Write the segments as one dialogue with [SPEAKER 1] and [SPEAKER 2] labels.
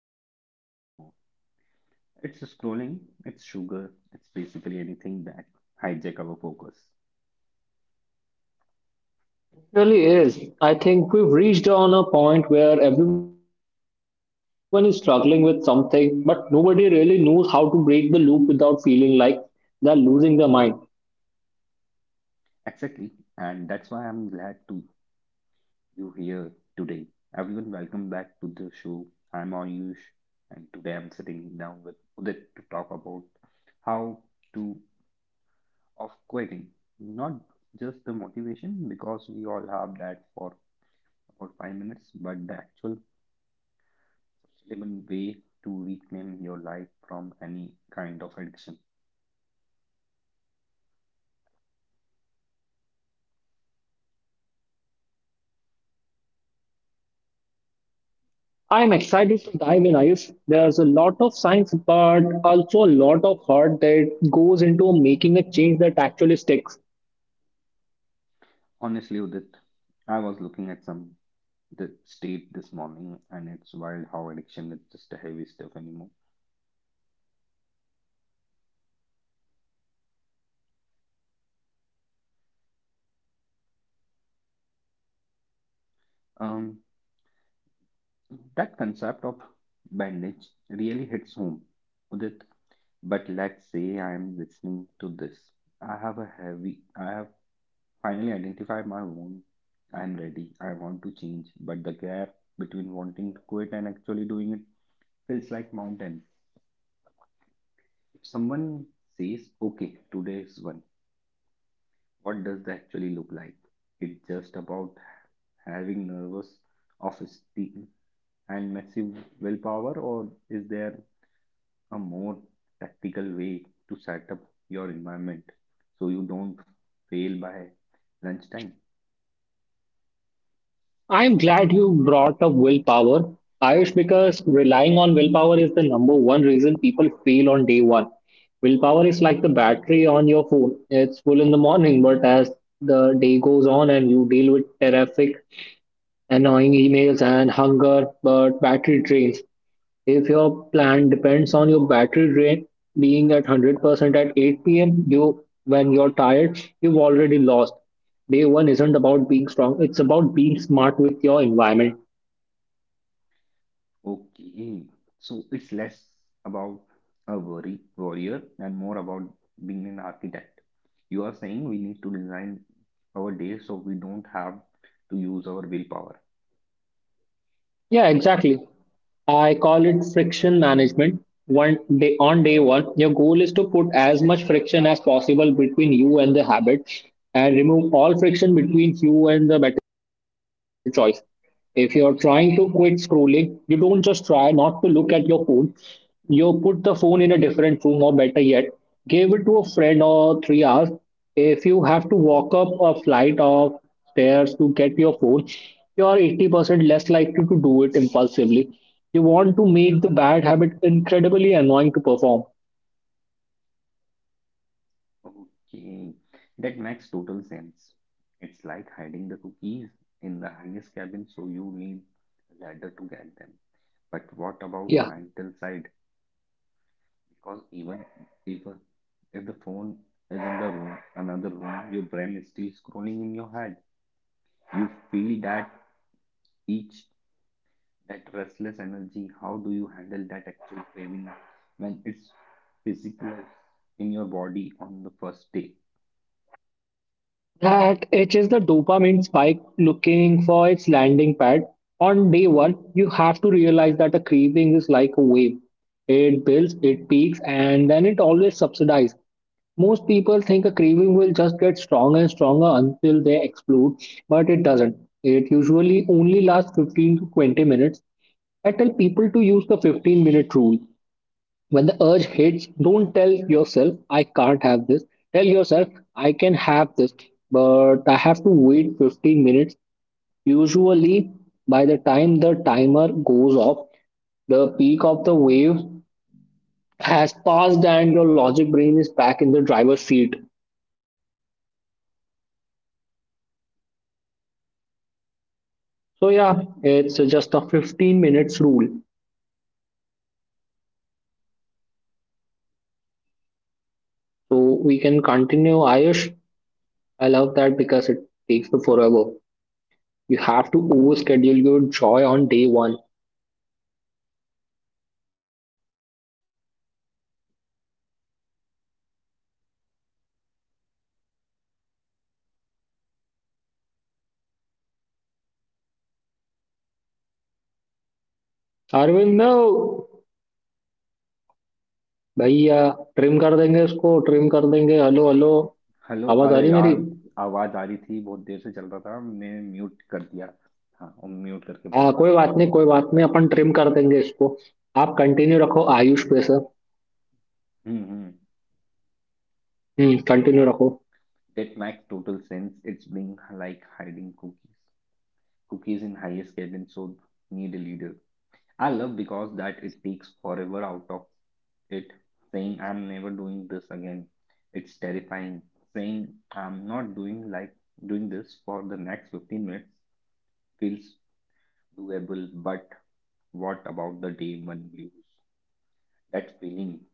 [SPEAKER 1] About the heavy stuff anymore. It's scrolling, it's sugar, it's basically anything that hijack our focus.
[SPEAKER 2] Really is. I think we've reached on a point where everyone is struggling with something, but nobody really knows how to break the loop without feeling like they're losing their mind.
[SPEAKER 1] Exactly, and that's why I'm glad to you here today. Everyone, welcome back to the show. I'm Ayush, and today I'm sitting down with Udit to talk about how to of quitting, not just the motivation because we all have that for about 5 minutes, but the actual sustainable way to reclaim your life from any kind of addiction.
[SPEAKER 2] I'm excited to dive in, Ayush. There's a lot of science, but also a lot of heart that goes into making a change that actually sticks.
[SPEAKER 1] Honestly, Udit, I was looking at some the state this morning, and it's wild how addiction is just a heavy stuff anymore. Um, that concept of bandage really hits home, Udit. But let's say I am listening to this. I have a heavy. I have finally identified my own. I am ready. I want to change, but the gap between wanting to quit and actually doing it feels like mountains. Someone says, okay, today is one, what does that actually look like? It's just about having nervous of steel and massive willpower, or is there a more tactical way to set up your environment so you don't fail by lunchtime?
[SPEAKER 2] I'm glad you brought up willpower, Ayush, because relying on willpower is the number one reason people fail on day one. Willpower is like the battery on your phone. It's full in the morning, but as the day goes on and you deal with traffic, annoying emails, and hunger, but battery drains. If your plan depends on your battery drain being at 100% at 8 p.m., you when you're tired, you've already lost. Day one isn't about being strong, it's about being smart with your environment.
[SPEAKER 1] Okay, so it's less about a worry warrior and more about being an architect. You are saying we need to design our day so we don't have to use our willpower.
[SPEAKER 2] Yeah, exactly. I call it friction management. One day on day one, your goal is to put as much friction as possible between you and the habit and remove all friction between you and the better choice. If you're trying to quit scrolling, you don't just try not to look at your phone. You put the phone in a different room, or better yet, give it to a friend or 3 hours. If you have to walk up a flight of stairs to get your phone, you're 80% less likely to do it impulsively. You want to make the bad habit incredibly annoying to perform.
[SPEAKER 1] Okay, that makes total sense. It's like hiding the cookies in the highest cabin, so you need a ladder to get them. But what about
[SPEAKER 2] Yeah.
[SPEAKER 1] mental side? Because even if if the phone is in the room, another room, your brain is still scrolling in your head. You feel that each that restless energy. How do you handle that actual craving when it's physical in your body on the first day?
[SPEAKER 2] That it is the dopamine spike looking for its landing pad. On day one, you have to realize that a craving is like a wave. It builds, it peaks, and then it always subsidies. Most people think a craving will just get stronger and stronger until they explode, but it doesn't. It usually only lasts 15 to 20 minutes. I tell people to use the 15-minute rule. When the urge hits, don't tell yourself, I can't have this. Tell yourself, I can have this, but I have to wait 15 minutes. Usually, by the time the timer goes off, the peak of the wave has passed and your logic brain is back in the driver's seat. So, yeah, it's just a 15 minutes rule. So, we can continue, Ayush. I love that because it takes the forever. You have to overschedule your joy on day one. Arvind, no! भैया trim कर देंगे उसको trim कर देंगे hello hello
[SPEAKER 1] hello
[SPEAKER 2] आवाज आ रही
[SPEAKER 1] अरे
[SPEAKER 2] मेरी
[SPEAKER 1] यार, आवाज आ रही थी, बहुत देर से चल रहा था, मैंने म्यूट कर दिया, हाँ और म्यूट करके
[SPEAKER 2] हाँ
[SPEAKER 1] बोल रहा था.
[SPEAKER 2] कोई बात नहीं अपन ट्रिम कर देंगे इसको आप कंटिन्यू रखो आयुष पे sir
[SPEAKER 1] hmm. Hmm.
[SPEAKER 2] Hmm continue रखो.
[SPEAKER 1] That make total sense, it's being like hiding cookies cookies in highest cabin, so need a leader. I love because that it takes forever out of it, saying I'm never doing this again. It's terrifying. Saying I'm not doing like doing this for the next 15 minutes feels doable, but what about the day one blues? That feeling,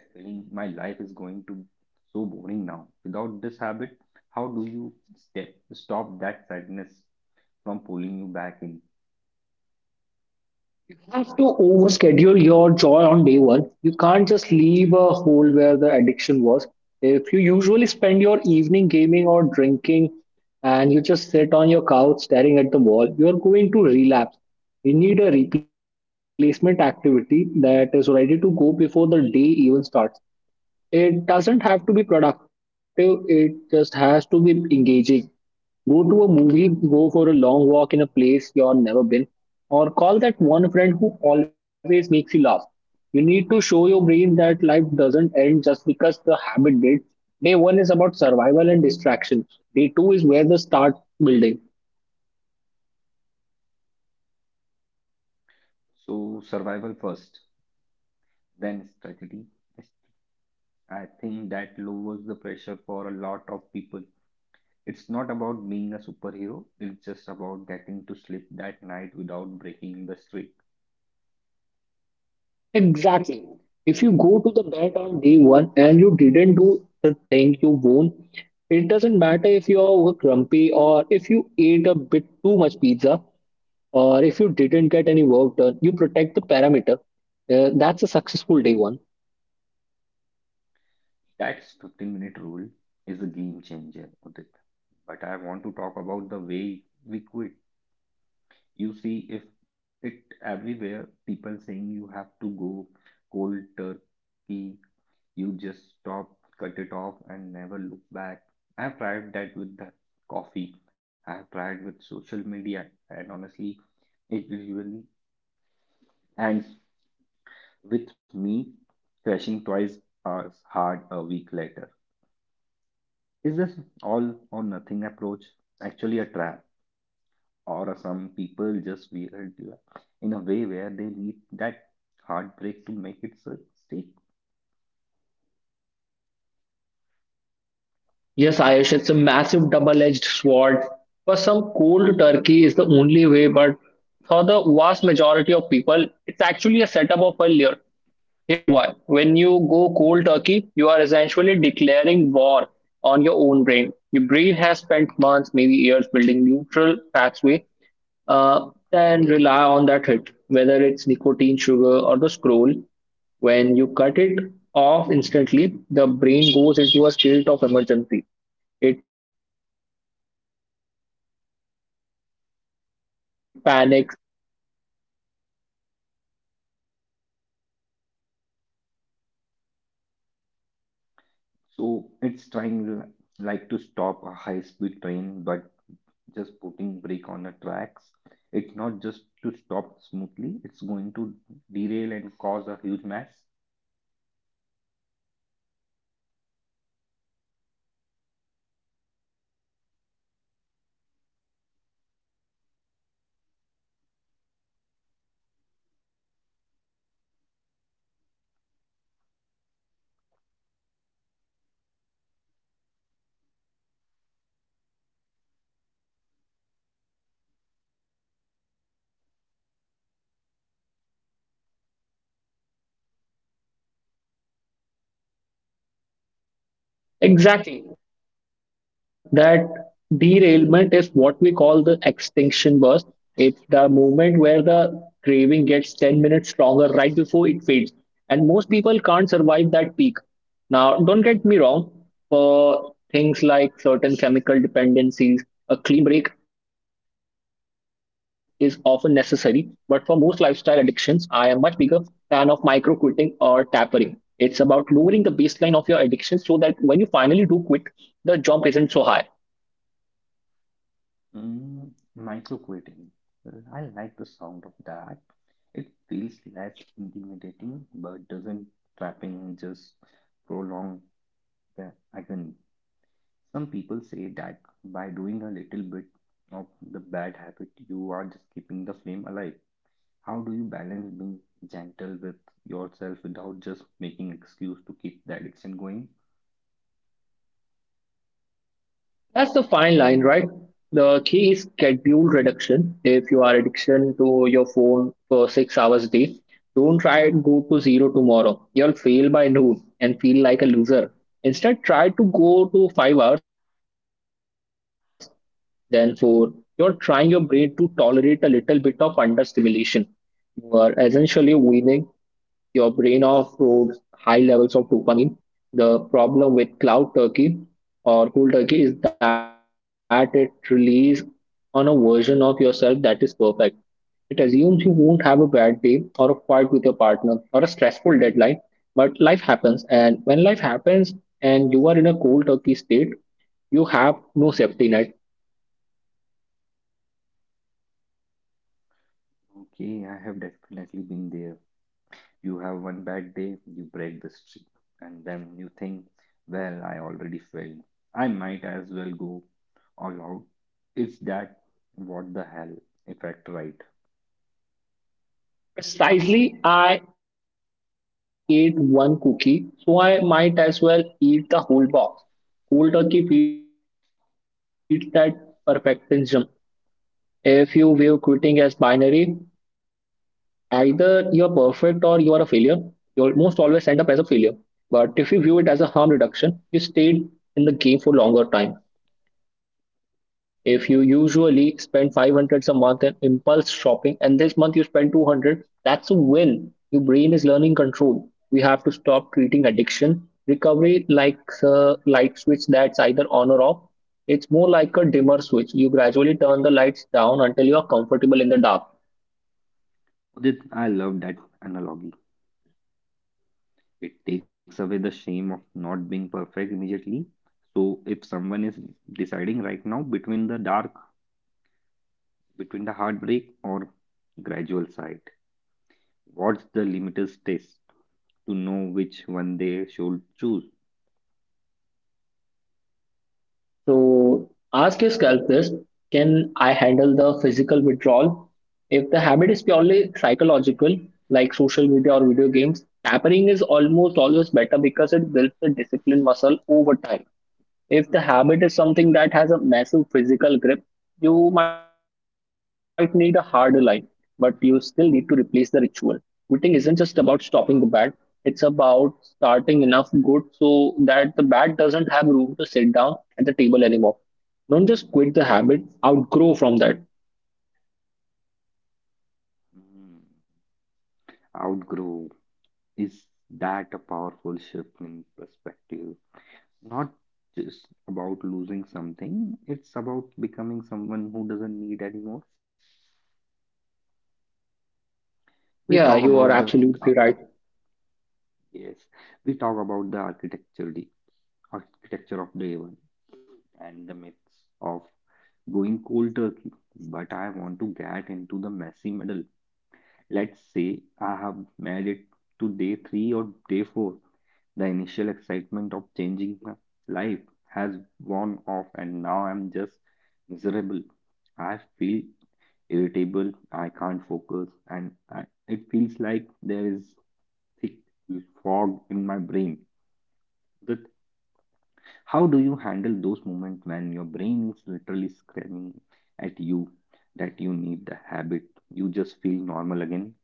[SPEAKER 1] that feeling, my life is going to so boring now. Without this habit, how do you stop that sadness from pulling you back in?
[SPEAKER 2] Have to overschedule your joy on day one. You can't just leave a hole where the addiction was. If you usually spend your evening gaming or drinking and you just sit on your couch staring at the wall, you are going to relapse. You need a replacement activity that is ready to go before the day even starts. It doesn't have to be productive, it just has to be engaging. Go to a movie, go for a long walk in a place you've never been, or call that one friend who always makes you laugh. You need to show your brain that life doesn't end just because the habit did. Day one is about survival and distractions. Day two is where the start building.
[SPEAKER 1] So survival first, then strategy. I think that lowers the pressure for a lot of people. It's not about being a superhero, it's just about getting to sleep that night without breaking the streak.
[SPEAKER 2] Exactly. If you go to the bed on day one and you didn't do the thing you won, it doesn't matter if you're grumpy or if you ate a bit too much pizza or if you didn't get any work done, you protect the parameter. That's a successful day one.
[SPEAKER 1] That 15-minute rule is a game changer, Udit. But I want to talk about the way we quit. You see if it everywhere, people saying you have to go cold turkey, you just stop, cut it off, and never look back. I have tried that with the coffee, I have tried with social media, and honestly, it usually ends with me crashing twice as hard a week later. Is this all or nothing approach actually a trap? Or some people just weird in a way where they need that heartbreak to make it such stick.
[SPEAKER 2] Yes, Ayush, it's a massive double-edged sword. For some, cold turkey is the only way, but for the vast majority of people, it's actually a setup of failure. Here's why. When you go cold turkey, you are essentially declaring war on your own brain. Your brain has spent months, maybe years, building neutral pathway and rely on that hit, whether it's nicotine, sugar, or the scroll. When you cut it off instantly, the brain goes into a state of emergency. It panics, and when the brain panics, it shuts down your logic and turns up the volume on your craving.
[SPEAKER 1] So it's trying like to stop a high-speed train, but just putting brake on the tracks. It's not just to stop smoothly; it's going to derail and cause a huge mess.
[SPEAKER 2] Exactly. That derailment is what we call the extinction burst. It's the moment where the craving gets 10 minutes stronger right before it fades. And most people can't survive that peak. Now, don't get me wrong, for things like certain chemical dependencies, a clean break is often necessary. But for most lifestyle addictions, I am much bigger fan of micro quitting or tapering. It's about lowering the baseline of your addiction so that when you finally do quit, the jump isn't so high.
[SPEAKER 1] Mm, microcreating. I like the sound of that. It feels less intimidating, but doesn't trapping just prolong the agony. Some people say that by doing a little bit of the bad habit, you are just keeping the flame alive. How do you balance being gentle with yourself without just making excuse to keep the addiction going?
[SPEAKER 2] That's the fine line, right? The key is schedule reduction. If you are addiction your phone for 6 hours a day, don't try to go to zero tomorrow. You'll fail by noon and feel like a loser. Instead, try to go to 5 hours, then four. You're trying your brain to tolerate a little bit of understimulation. You are essentially weaning. Your brain offloads high levels of dopamine. The problem with cloud turkey or cold turkey is that it relies on a version of yourself that is perfect. It assumes you won't have a bad day or a fight with your partner or a stressful deadline, but life happens. And when life happens and you are in a cold turkey state, you have no safety net.
[SPEAKER 1] Okay, I have definitely been there. You have one bad day, you break the streak, and then you think, well, I already failed. I might as well go all out. It's that what the hell effect, right?
[SPEAKER 2] Precisely, I ate one cookie, so I might as well eat the whole box. Cold turkey beats that perfectionism. If you view quitting as binary, either you're perfect or you are a failure, you'll most always end up as a failure. But if you view it as a harm reduction, you stayed in the game for longer time. If you usually spend 500 a month in impulse shopping and this month you spend 200, that's a win. Your brain is learning control. We have to stop treating addiction recovery like a light switch that's either on or off. It's more like a dimmer switch. You gradually turn the lights down until you are comfortable in the dark.
[SPEAKER 1] Udit, I love that analogy. It takes away the shame of not being perfect immediately. So if someone is deciding right now between the dark, between the heartbreak or gradual side, what's the limiters test to know which one they should choose?
[SPEAKER 2] So ask your sculptors, can I handle the physical withdrawal? If the habit is purely psychological, like social media or video games, tapering is almost always better because it builds the discipline muscle over time. If the habit is something that has a massive physical grip, you might need a harder line, but you still need to replace the ritual. Quitting isn't just about stopping the bad, it's about starting enough good so that the bad doesn't have room to sit down at the table anymore. Don't just quit the habit, outgrow from that.
[SPEAKER 1] Hmm. Outgrow is that a powerful shift in perspective? Not just about losing something, it's about becoming someone who doesn't need anymore. We
[SPEAKER 2] Yeah,
[SPEAKER 1] talk
[SPEAKER 2] you are
[SPEAKER 1] about the
[SPEAKER 2] absolutely right.
[SPEAKER 1] Yes, we talk about the architecture of day one and the myths of going cold turkey. But I want to get into the messy middle. Let's say I have made it to day three or day four. The initial excitement of changing my life has worn off, and now I'm just miserable. I feel irritable, I can't focus, and it feels like there is thick fog in my brain. The How do you handle those moments when your brain is literally screaming at you that you need the habit? You just feel normal again.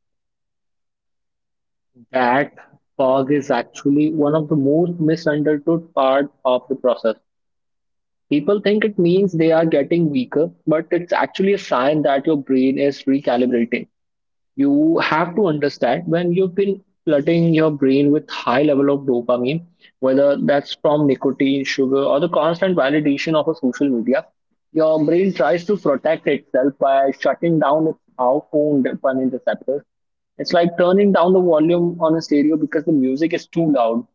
[SPEAKER 2] That fog is actually one of the most misunderstood part of the process. People think it means they are getting weaker, but it's actually a sign that your brain is recalibrating. You have to understand when you've been flooding your brain with high level of dopamine, whether that's from nicotine, sugar, or the constant validation of a social media, your brain tries to protect itself by shutting down its outbound dopamine receptors. It's like turning down the volume on a stereo because the music is too loud.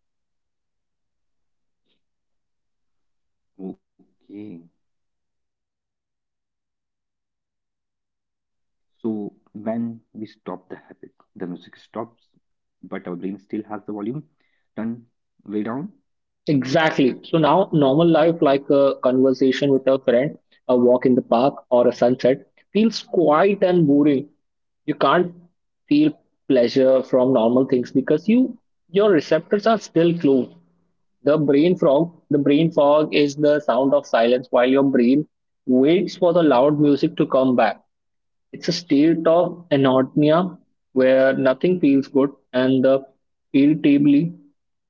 [SPEAKER 1] Okay. So when we stop the habit, the music stops, but our brain still has the volume turned way down.
[SPEAKER 2] Exactly. So now, normal life, like a conversation with a friend, a walk in the park, or a sunset, feels quiet and boring. You can't feel pleasure from normal things because your receptors are still closed. The brain fog is the sound of silence while your brain waits for the loud music to come back. It's a state of anatomy where nothing feels good, and the irritably,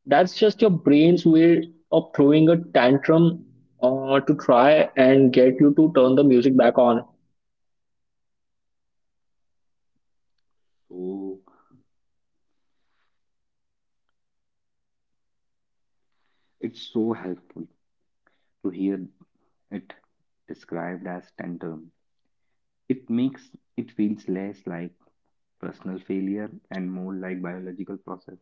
[SPEAKER 2] that's just your brain's way of throwing a tantrum to try and get you to turn the music back on.
[SPEAKER 1] So it's so helpful to hear it described as tantrum. It makes it feels less like personal failure and more like biological process.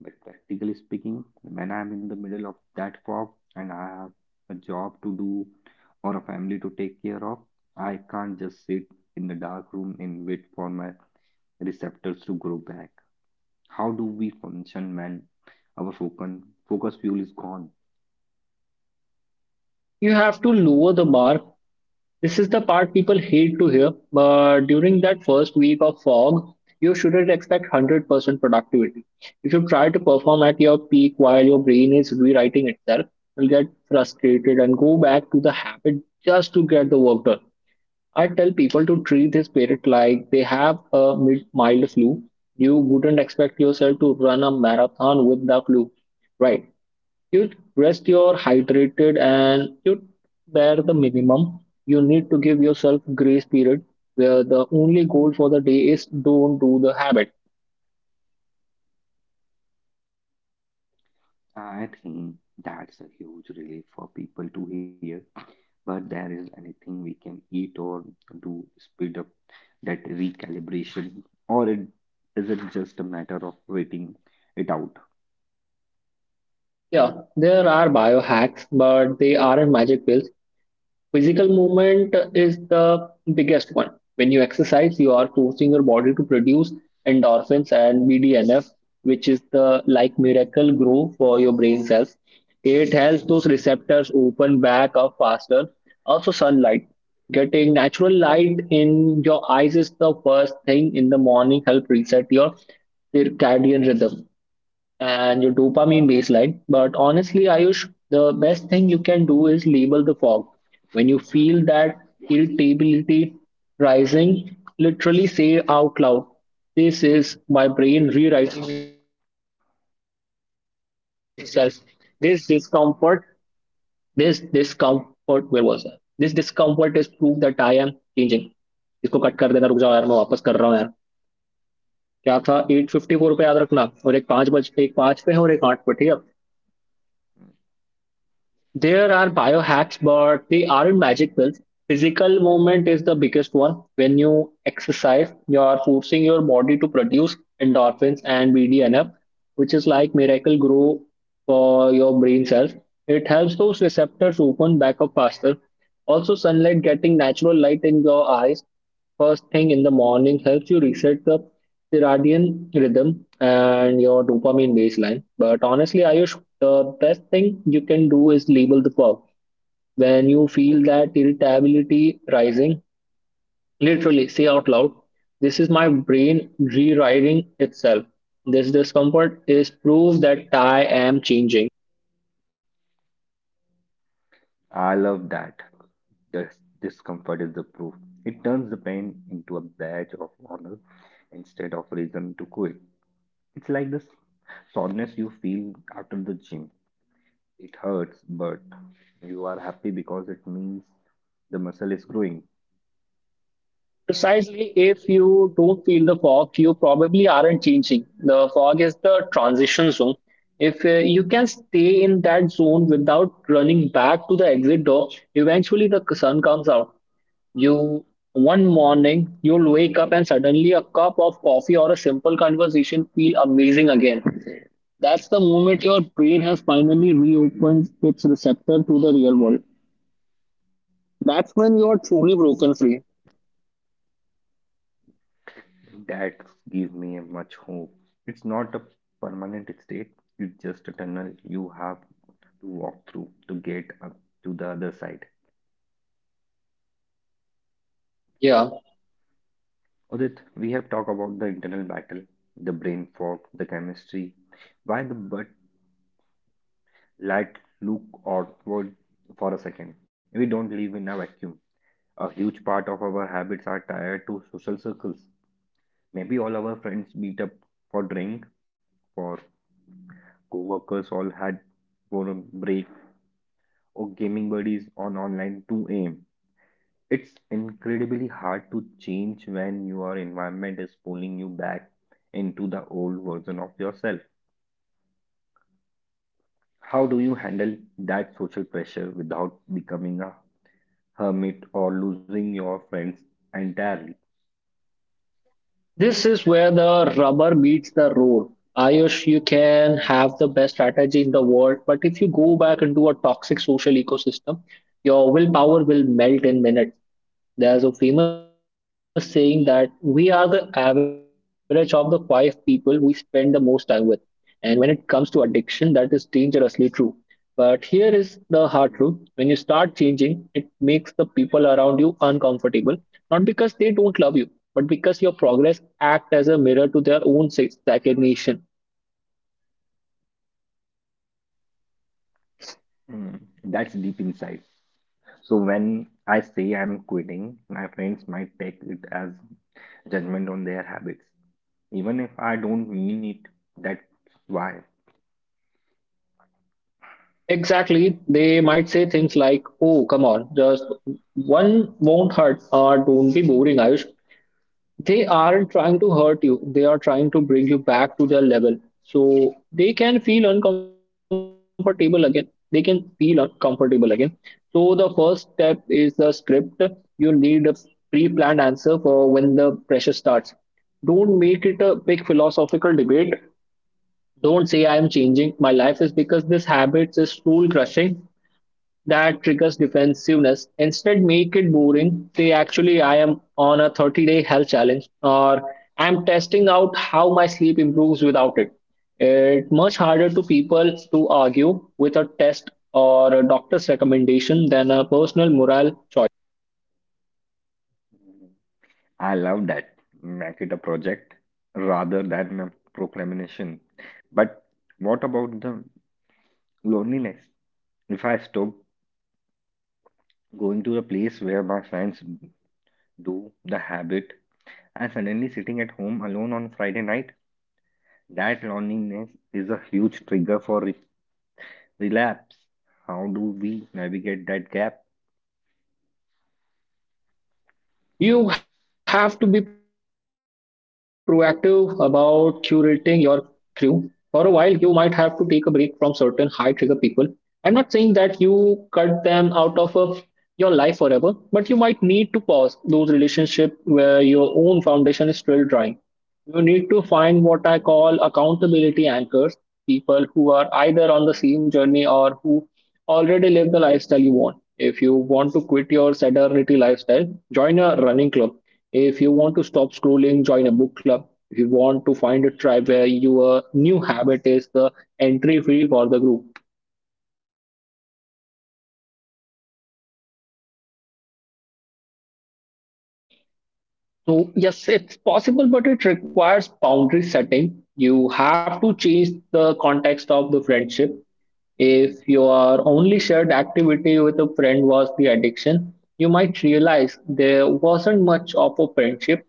[SPEAKER 1] But practically speaking, when I'm in the middle of that fog and I have a job to do or a family to take care of, I can't just sit in the dark room and wait for my receptors to grow back. How do we function when our focus fuel is gone?
[SPEAKER 2] You have to lower the bar. This is the part people hate to hear, but during that first week of fog, you shouldn't expect 100% productivity. If you try to perform at your peak while your brain is rewriting itself, you'll get frustrated and go back to the habit just to get the work done. I tell people to treat this period like they have a mild flu. You wouldn't expect yourself to run a marathon with the flu, right? You rest, you're hydrated, and you bear the minimum. You need to give yourself grace period where the only goal for the day is don't do the habit.
[SPEAKER 1] I think that's a huge relief for people to hear. But there is anything we can eat or do speed up that recalibration, or it is isn't just a matter of waiting it out?
[SPEAKER 2] Yeah, there are biohacks, but they aren't magic pills. Physical movement is the biggest one. When you exercise, you are forcing your body to produce endorphins and BDNF, which is the like miracle grow for your brain cells. It helps those receptors open back up faster. Also, sunlight. Getting natural light in your eyes is the first thing in the morning help reset your circadian rhythm and your dopamine baseline. But honestly, Ayush, the best thing you can do is label the fog. When you feel that irritability rising, literally say out loud, this is my brain rewriting itself. This discomfort, this discomfort, where was I? This discomfort is proof that I am changing. इसको cut कर देना रुक जाओ यार, मैं वापस कर रहा हूँ यार. क्या था, एट फिफ्टी फोर पे याद रखना, और एक पाँच बज, एक पाँच पे है, और एक आठ पे. ठीक है. There are biohacks, but they aren't magic pills. Physical movement is the biggest one. When you exercise, you are forcing your body to produce endorphins and BDNF, which is like miracle grow for your brain cells. It helps those receptors open back up faster. Also, sunlight getting natural light in your eyes first thing in the morning helps you reset the circadian rhythm and your dopamine baseline. But honestly, Ayush, the best thing you can do is label the fog. When you feel that irritability rising, literally say out loud, this is my brain rewriting itself. This discomfort is proof that I am changing.
[SPEAKER 1] I love that. The discomfort is the proof. It turns the pain into a badge of honor instead of reason to quit. It's like this soreness you feel after the gym. It hurts, but you are happy because it means the muscle is growing.
[SPEAKER 2] Precisely, if you don't feel the fog, you probably aren't changing. The fog is the transition zone. If you can stay in that zone without running back to the exit door, eventually the sun comes out. You One morning you'll wake up and suddenly a cup of coffee or a simple conversation feel amazing again. That's the moment your brain has finally reopened its receptor to the real world. That's when you are truly broken free.
[SPEAKER 1] That gives me a much hope. It's not a permanent state, it's just a tunnel you have to walk through to get up to the other side.
[SPEAKER 2] Yeah.
[SPEAKER 1] Odit, we have talked about the internal battle, the brain fog, the chemistry, why the but let look outward for a second. We don't live in a vacuum. A huge part of our habits are tied to social circles. Maybe all our friends meet up for drink, for co-workers all had for a break, or gaming buddies on online 2 a.m. It's incredibly hard to change when your environment is pulling you back into the old version of yourself. How do you handle that social pressure without becoming a hermit or losing your friends entirely?
[SPEAKER 2] This is where the rubber meets the road. Ayush, you can have the best strategy in the world, but if you go back into a toxic social ecosystem, your willpower will melt in minutes. There's a famous saying that we are the average of the five people we spend the most time with. And when it comes to addiction, that is dangerously true. But here is the hard truth: when you start changing, it makes the people around you uncomfortable, not because they don't love you, but because your progress acts as a mirror to their own stagnation.
[SPEAKER 1] Hmm, that's deep inside. So when I say I'm quitting, my friends might take it as judgment on their habits, even if I don't mean it. That's why
[SPEAKER 2] Exactly, they might say things like, oh, come on, just one won't hurt, or don't be boring, Ayush. They aren't trying to hurt you, they are trying to bring you back to their level so they can feel uncomfortable again. So the first step is the script. You need a pre-planned answer for when the pressure starts. Don't make it a big philosophical debate. Don't say, I am changing my life is because this habit is soul crushing. That triggers defensiveness. Instead, make it boring. Say, actually, I am on a 30-day health challenge, or I'm testing out how my sleep improves without it. It's much harder to people to argue with a test or a doctor's recommendation than a personal morale choice.
[SPEAKER 1] I love that. Make it a project rather than a proclamation. But what about the loneliness? If I stop going to a place where my friends do the habit and suddenly sitting at home alone on Friday night, that loneliness is a huge trigger for relapse. How do we navigate that gap?
[SPEAKER 2] You have to be proactive about curating your crew. For a while, you might have to take a break from certain high trigger people. I'm not saying that you cut them out of your life forever, but you might need to pause those relationships where your own foundation is still drying. You need to find what I call accountability anchors, people who are either on the same journey or who already live the lifestyle you want. If you want to quit your sedentary lifestyle, join a running club. If you want to stop scrolling, join a book club. If you want to find a tribe where your new habit is the entry fee for the group. So, yes, it's possible, but it requires boundary setting. You have to change the context of the friendship. If your only shared activity with a friend was the addiction, you might realize there wasn't much of a friendship.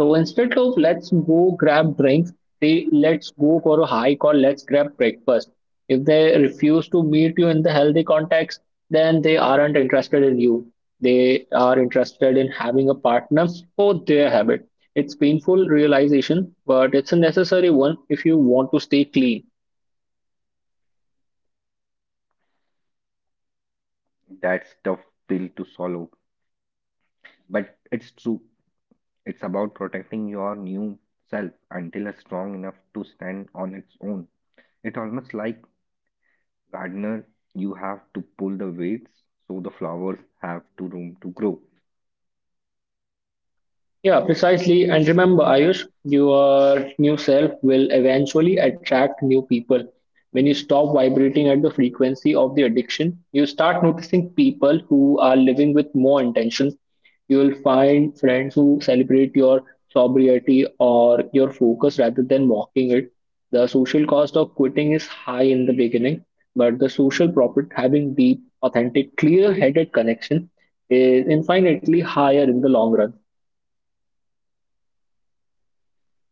[SPEAKER 2] So instead of let's go grab drinks, they let's go for a hike, or let's grab breakfast. If they refuse to meet you in the healthy context, then they aren't interested in you. They are interested in having a partner for their habit. It's painful realization, but it's a necessary one if you want to stay clean.
[SPEAKER 1] That's tough pill to swallow, but it's true. It's about protecting your new self until it's strong enough to stand on its own. It's almost like gardener, you have to pull the weeds so the flowers have to room to grow.
[SPEAKER 2] Yeah, precisely. And remember, Ayush, your new self will eventually attract new people. When you stop vibrating at the frequency of the addiction, you start noticing people who are living with more intention. You will find friends who celebrate your sobriety or your focus rather than mocking it. The social cost of quitting is high in the beginning, but the social profit, having deep, authentic, clear-headed connection, is infinitely higher in the long run.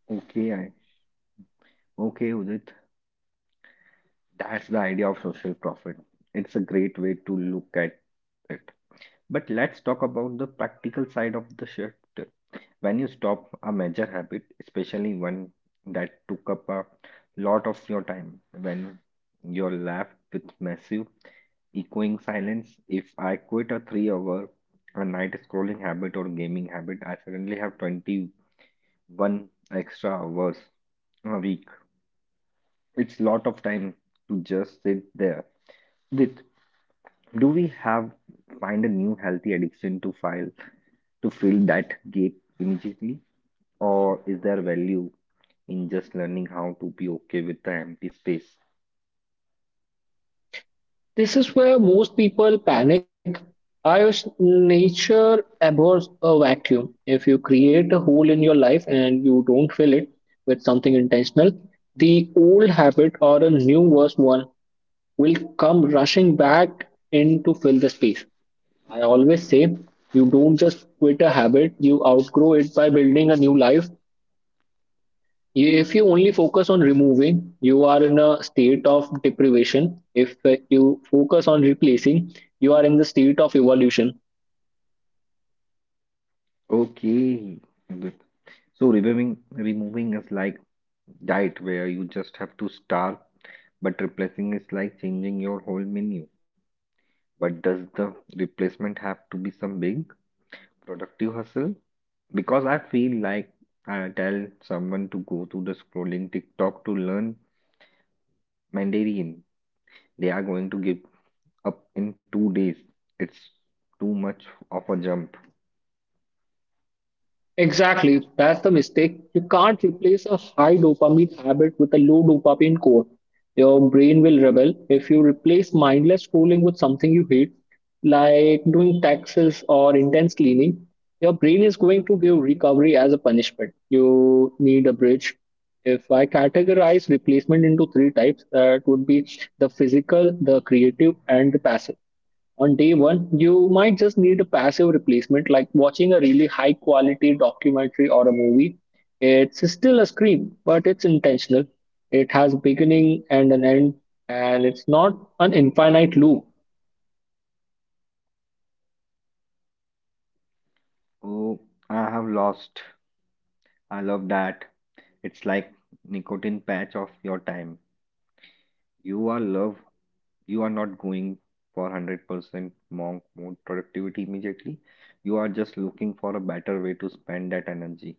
[SPEAKER 1] Okay, okay, Udit. That's the idea of social profit. It's a great way to look at it. But let's talk about the practical side of the shift. When you stop a major habit, especially one that took up a lot of your time, when you're left with massive echoing silence, if I quit a 3 hour a night scrolling habit or gaming habit, I suddenly have 21 extra hours a week. It's lot of time to just sit there with. Do we have find a new healthy addiction to fill that gap immediately? Or is there value in just learning how to be okay with the empty space.
[SPEAKER 2] This is where most people panic. Irish nature abhors a vacuum. If you create a hole in your life and you don't fill it with something intentional, the old habit or a new worse one will come rushing back in to fill the space. I always say you don't just quit a habit, you outgrow it by building a new life. If you only focus on removing, you are in a state of deprivation. If you focus on replacing, you are in the state of evolution.
[SPEAKER 1] Okay. Good. So removing is like diet where you just have to starve, but replacing is like changing your whole menu. But does the replacement have to be some big productive hustle? Because I feel like I tell someone to go to the scrolling TikTok to learn Mandarin. They are going to give up in 2 days. It's too much of a jump.
[SPEAKER 2] Exactly, that's the mistake. You can't replace a high dopamine habit with a low dopamine core. Your brain will rebel if you replace mindless scrolling with something you hate, like doing taxes or intense cleaning. Your brain is going to give recovery as a punishment. You need a bridge. If I categorize replacement into three types, that would be the physical, the creative, and the passive. On day one, you might just need a passive replacement like watching a really high quality documentary or a movie. It's still a screen, but it's intentional. It has a beginning and an end, and it's not an infinite loop.
[SPEAKER 1] Oh, I have lost. I love that. It's like nicotine patch of your time. You are love. You are not going for 100% monk mode productivity immediately. You are just looking for a better way to spend that energy.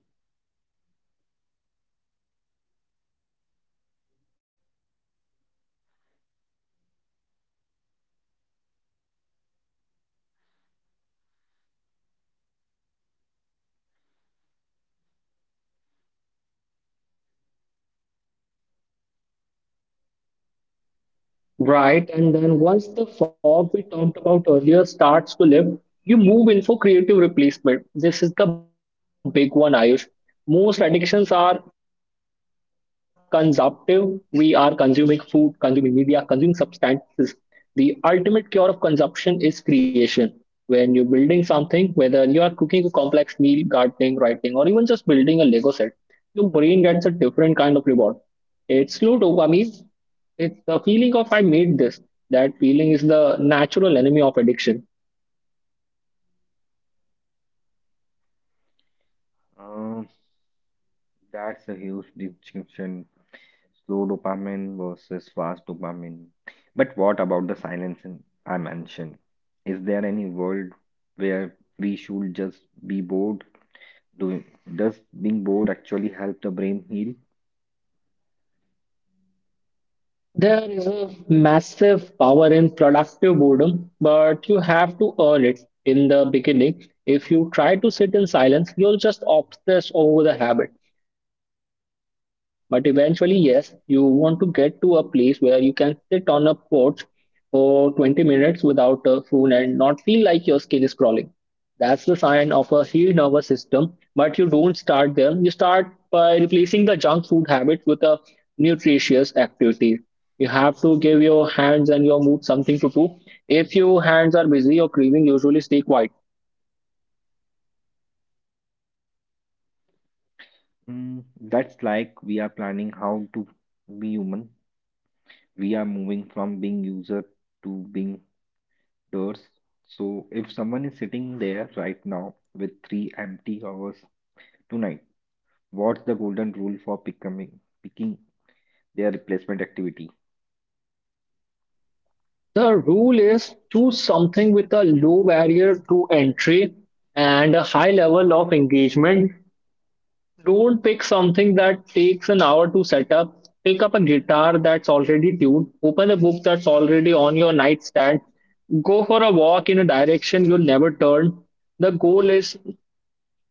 [SPEAKER 2] Right, and then once the fog we talked about earlier starts to lift, you move in for creative replacement. This is the big one, Ayush. Most addictions are consumptive. We are consuming food, consuming media, consuming substances. The ultimate cure of consumption is creation. When you're building something, whether you are cooking a complex meal, gardening, writing, or even just building a Lego set, your brain gets a different kind of reward. It's low dopamine, it's the feeling of I made this. That feeling is the natural enemy of addiction.
[SPEAKER 1] Um, that's a huge distinction. Slow dopamine versus fast dopamine. But what about the silence I mentioned? Is there any world where we should just be bored? Doing, does being bored actually help the brain heal?
[SPEAKER 2] There is a massive power in productive boredom, but you have to earn it in the beginning. If you try to sit in silence, you'll just obsess over the habit. But eventually, yes, you want to get to a place where you can sit on a porch for 20 minutes without a phone and not feel like your skin is crawling. That's the sign of a healed nervous system, but you don't start there. You start by replacing the junk food habit with a nutritious activity. You have to give your hands and your mood something to do. If your hands are busy or craving, usually stay quiet.
[SPEAKER 1] Mm, that's like we are planning how to be human. We are moving from being user to being doers. So if someone is sitting there right now with three empty hours tonight, what's the golden rule for becoming picking their replacement activity?
[SPEAKER 2] The rule is, do something with a low barrier to entry and a high level of engagement. Don't pick something that takes an hour to set up. Pick up a guitar that's already tuned, open a book that's already on your nightstand, go for a walk in a direction you'll never turn. The goal is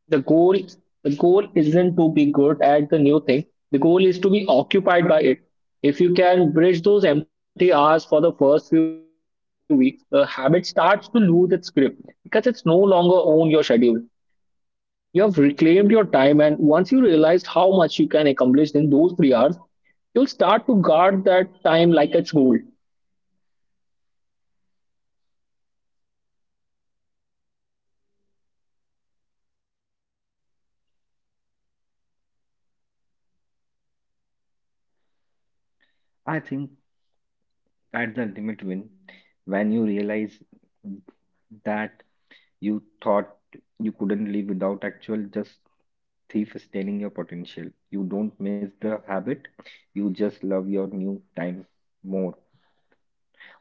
[SPEAKER 2] The goal, the goal isn't to be good at the new thing. The goal is to be occupied by it. If you can bridge those empty hours for the first few weeks, the habit starts to lose its grip because it's no longer on your schedule. You have reclaimed your time, and once you realized how much you can accomplish in those 3 hours, you'll start to guard that time like it's gold.
[SPEAKER 1] I think at the limit win when you realize that you thought you couldn't live without actual just thief is stealing your potential. You don't miss the habit, you just love your new time more.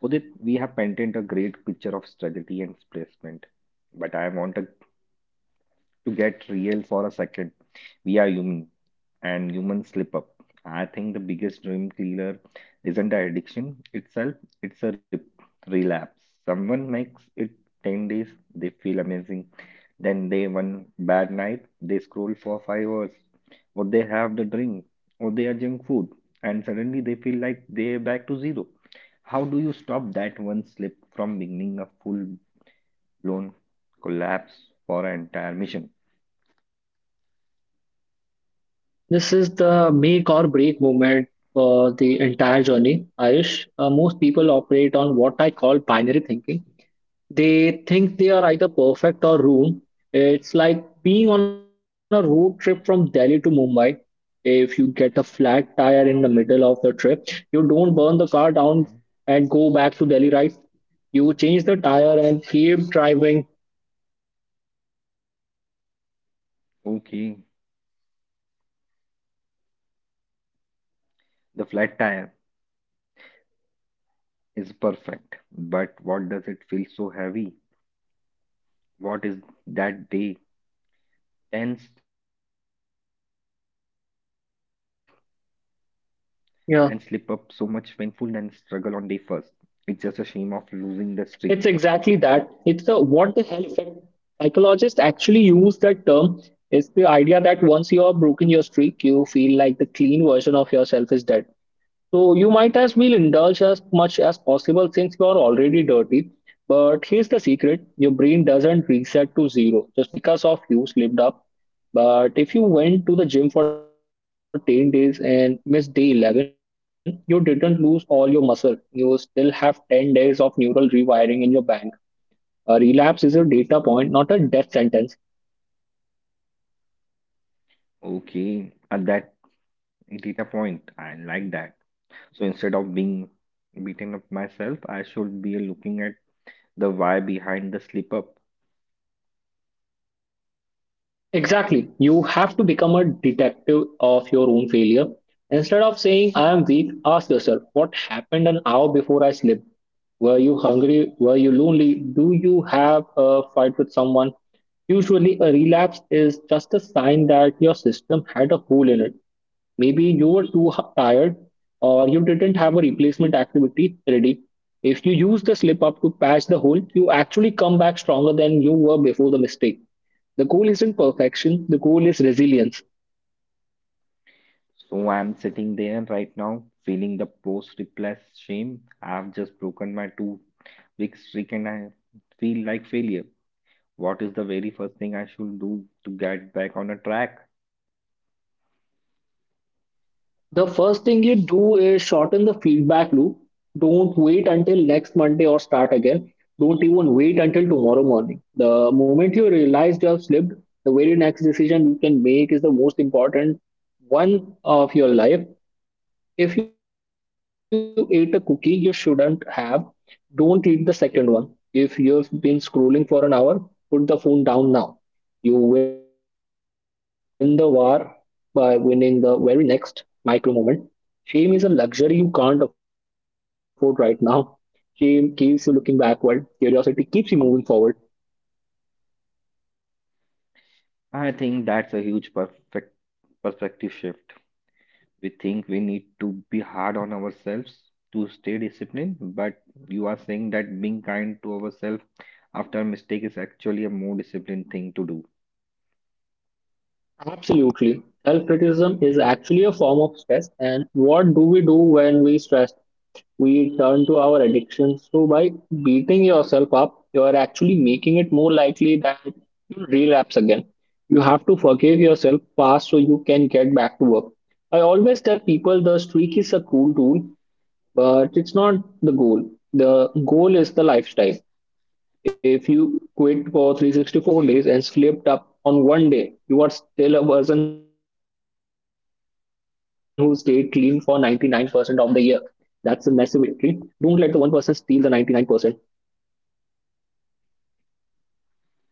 [SPEAKER 1] Udit, we have painted a great picture of strategy and placement, but I want to get real for a second. We are human and human slip up. I think the biggest dream killer isn't the addiction itself, it's a relapse. Someone makes it 10 days, they feel amazing. Then they one bad night, they scroll for 5 hours, or they have the drink, or they are junk food, and suddenly they feel like they're back to zero. How do you stop that one slip from beginning a full blown collapse for an entire mission?
[SPEAKER 2] This is the make or break moment for the entire journey, Ayush. Most people operate on what I call binary thinking. They think they are either perfect or ruined. It's like being on a road trip from Delhi to Mumbai. If you get a flat tire in the middle of the trip, you don't burn the car down
[SPEAKER 1] Mhm.
[SPEAKER 2] and go. You change the tire and keep driving.
[SPEAKER 1] Okay, the flat tire. Is perfect. But what does it feel so heavy? What is that day? Tense and slip up so much painful and
[SPEAKER 2] Yeah,
[SPEAKER 1] struggle on day first. It's just a shame of losing the streak.
[SPEAKER 2] it's exactly that. It's the what the hell effect. Psychologists actually use that term. It's the idea that once you have broken your streak, you feel like the clean version of yourself is dead. So you might as well indulge as much as possible since you are already dirty. But here's the secret: your brain doesn't reset to zero just because of you slipped up. But if you went to the gym for 10 days and missed day 11, you didn't lose all your muscle. You still have 10 days of neural rewiring in your bank. A relapse is a data point, not a death sentence.
[SPEAKER 1] Okay, at that data point, I like that. So instead of being beating up myself, I should be looking at the why behind the slip up.
[SPEAKER 2] Exactly. You have to become a detective of your own failure. Instead of saying, I am weak, ask yourself, what happened an hour before I slept? Were you hungry? Were you lonely? Do you have a fight with someone? Usually, a relapse is just a sign that your system had a hole in it. Maybe you were tired or you didn't have a replacement activity ready. If you use the slip up to patch the hole, you actually come back stronger than you were before the mistake. The goal isn't perfection, the goal is resilience.
[SPEAKER 1] So I'm sitting there right now, feeling the post replace shame. I've just broken my 2 week streak and I feel like failure. What is the very first thing I should do to get back on a track?
[SPEAKER 2] The first thing you do is shorten the feedback loop. Don't wait until next Monday or start again. Don't even wait until tomorrow morning. The moment you realize you have slipped, the very next decision you can make is the most important one of your life. If you ate a cookie you shouldn't have, don't eat the second one. If you've been scrolling for an hour, put the phone down now. You win the war by winning the very next micro moment. Shame is a luxury you can't afford right now. Shame keeps you looking backward, curiosity keeps you moving forward.
[SPEAKER 1] I think that's a huge perfect perspective shift. We think we need to be hard on ourselves to stay disciplined, but you are saying that being kind to ourselves after a mistake is actually a more disciplined thing to do.
[SPEAKER 2] Absolutely. Self criticism is actually a form of stress. And what do we do when we stress we turn to our addictions. So by beating yourself up, you are actually making it more likely that you'll relapse again. You have to forgive yourself fast so you can get back to work. I always tell people the streak is a cool tool, but it's not the goal. The goal is the lifestyle. If you quit for 364 days and slipped up on one day, you are still a person who stayed clean for 99% of the year. That's a massive victory. Don't let the one person steal the 99%.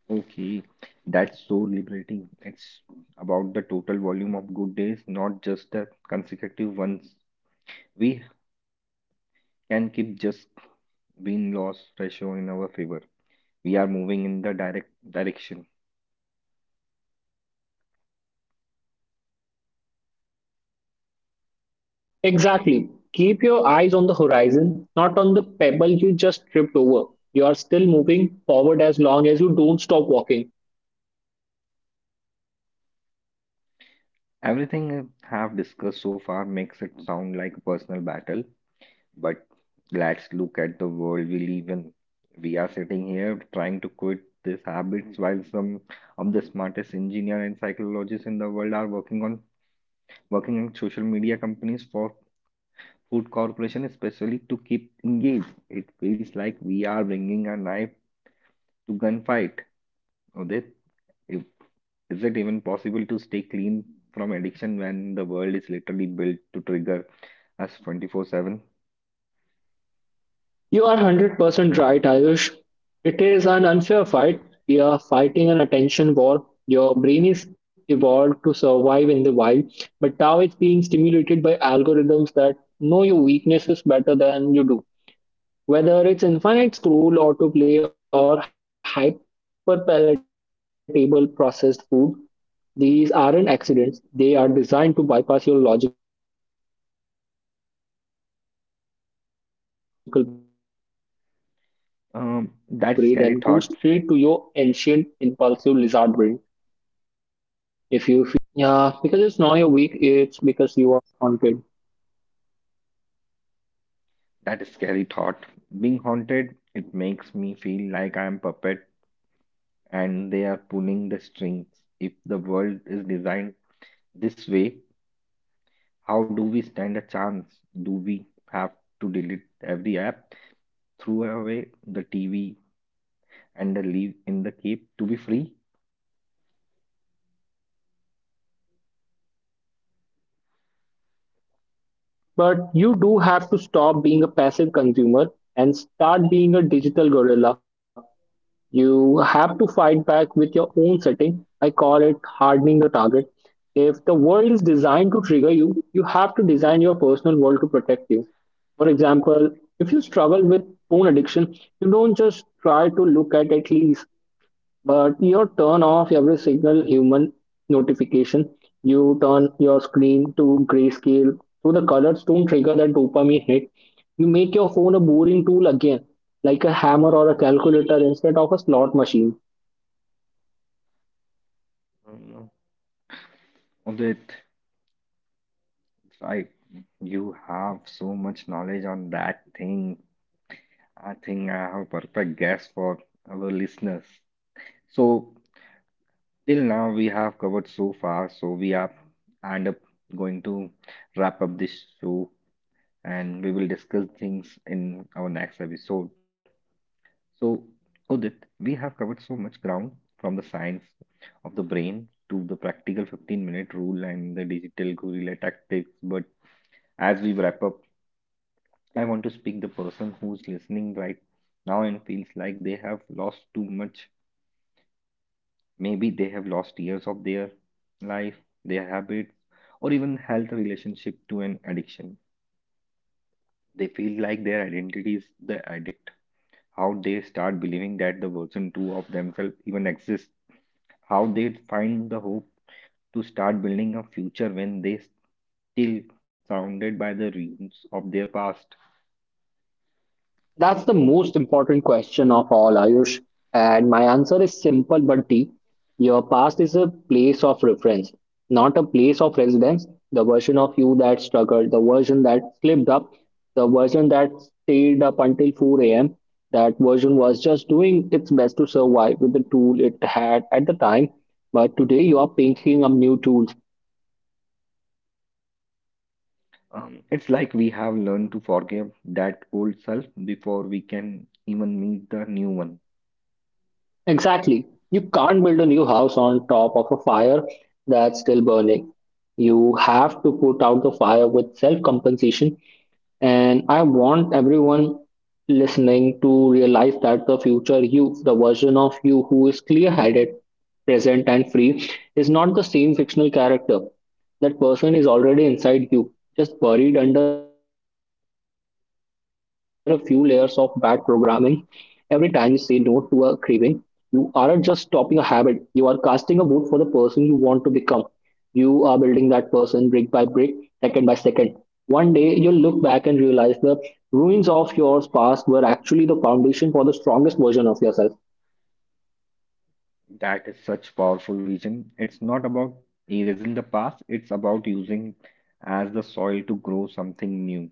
[SPEAKER 1] Okay, that's so liberating. It's about the total volume of good days, not just the consecutive ones. We can keep just win loss ratio in our favor. We are moving in the direct direction.
[SPEAKER 2] Exactly. Keep your eyes on the horizon, not on the pebble you just tripped over. You are still moving forward as long as you don't stop walking.
[SPEAKER 1] Everything I have discussed so far makes it sound like a personal battle, but let's look at the world we live in. We are sitting here trying to quit these habits while some of the smartest engineers and psychologists in the world are working on working in social media companies for food corporation especially to keep engaged. It feels like we are bringing a knife to gunfight. Udit, if is it even possible to stay clean from addiction when the world is literally built to trigger us 24/7?
[SPEAKER 2] You are 100% right, Ayush. It is an unfair fight. We are fighting an attention war. Your brain is evolved to survive in the wild, but now it's being stimulated by algorithms that know your weaknesses better than you do. Whether it's infinite scroll, autoplay, or hyper palatable processed food, these aren't accidents. They are designed to bypass your logical brain and go straight to your ancient impulsive lizard brain. If you feel like you're constantly being pulled back in, it's
[SPEAKER 1] That's
[SPEAKER 2] not just
[SPEAKER 1] scary
[SPEAKER 2] because
[SPEAKER 1] thought.
[SPEAKER 2] you are weak. Yeah, because it's not you're weak, it's because you are haunted.
[SPEAKER 1] That is scary thought. Being haunted, it makes me feel like I am puppet and they are pulling the strings. If the world is designed this way, how do we stand a chance? Do we have to delete every app, throw away the TV, and leave in the cave to be free?
[SPEAKER 2] Well, not necessarily, but you do have to stop being a passive consumer and start being a digital gorilla. You have to fight back with your own setting. I call it hardening the target. If the world is designed to trigger you, you have to design your personal world to protect you. For example, if you struggle with phone addiction, you don't just try to look at least but you turn off every single human notification. You turn your screen to grayscale. So the colors don't trigger that dopamine hit. You make your phone a boring tool again, like a hammer or a calculator instead of a slot machine.
[SPEAKER 1] I don't know. Of it. Right. You have so much knowledge on that thing. I think I have perfect guess for our listeners. So till now we have covered so far, so we are end up going to wrap up this show and we will discuss things in our next episode. So Udit, we have covered so much ground from the science of the brain to the practical 15-minute rule and the digital guerrilla tactics, but as we wrap up I want to speak the person who's listening right now and feels like they have lost too much. Maybe they have lost years of their life, their habits, or even health relationship to an addiction. They feel like their identity is the addict. How they start believing that the version two of themselves even exists. How they find the hope to start building a future when they still surrounded by the ruins of their past.
[SPEAKER 2] That's the most important question of all, Ayush. And my answer is simple but deep. Your past is a place of reference, not a place of residence. The version of you that struggled, the version that slipped up, the version that stayed up until 4 a.m., that version was just doing its best to survive with the tool it had at the time. But today you are picking up new tools.
[SPEAKER 1] It's like we have learned to forgive that old self before we can even meet the new one.
[SPEAKER 2] Exactly. You can't build a new house on top of a fire that's still burning. You have to put out the fire with self compensation and I want everyone listening to realize that the future you, the version of you who is clear headed, present, and free, is not the same fictional character. That person is already inside you, just buried under a few layers of bad programming. Every time you say no to a craving, you aren't just stopping a habit, you are casting a vote for the person you want to become. You are building that person brick by brick, second by second. One day you'll look back and realize the ruins of your past were actually the foundation for the strongest version of yourself.
[SPEAKER 1] That is such powerful vision. It's not about erasing the past, it's about using as the soil to grow something new.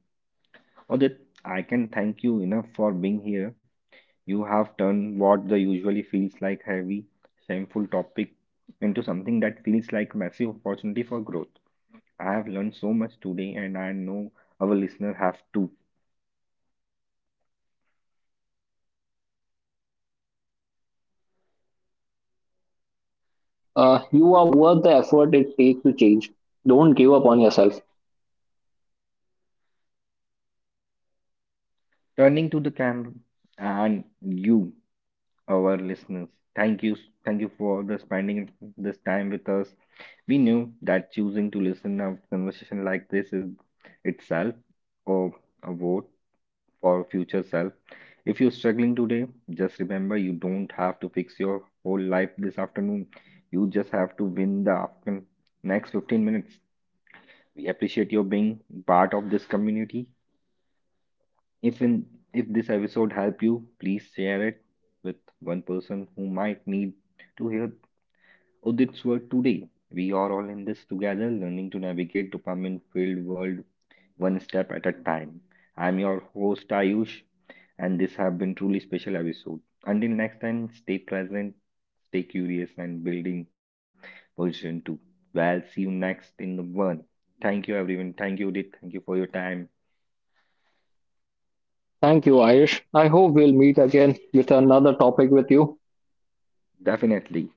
[SPEAKER 1] Odit, I can thank you enough for being here. You have turned what the usually feels like heavy, shameful topic into something that feels like massive opportunity for growth. I have learned so much today and I know our listener have too.
[SPEAKER 2] It's been an absolute honor, Ayush. To anyone listening, you are worth the effort it takes to change. Don't give up on yourself.
[SPEAKER 1] Turning to the camera and you, our listeners. Thank you, thank you for the spending this time with us. We knew that choosing to listen a conversation like this is itself or a vote for future self. If you're struggling today, just remember you don't have to fix your whole life this afternoon. You just have to win the afternoon next 15 minutes. We appreciate your being part of this community. If in if this episode helped you, please share it with one person who might need to hear Udit's word today. We are all in this together, learning to navigate dopamine-filled world one step at a time. I'm your host Ayush, and this have been truly special episode. Until next time, stay present, stay curious, and building version two. Well, see you next in the one. Thank you, everyone. Thank you, Udit. Thank you for your time.
[SPEAKER 2] Thank you, Ayush. I hope we'll meet again with another topic with you.
[SPEAKER 1] Definitely.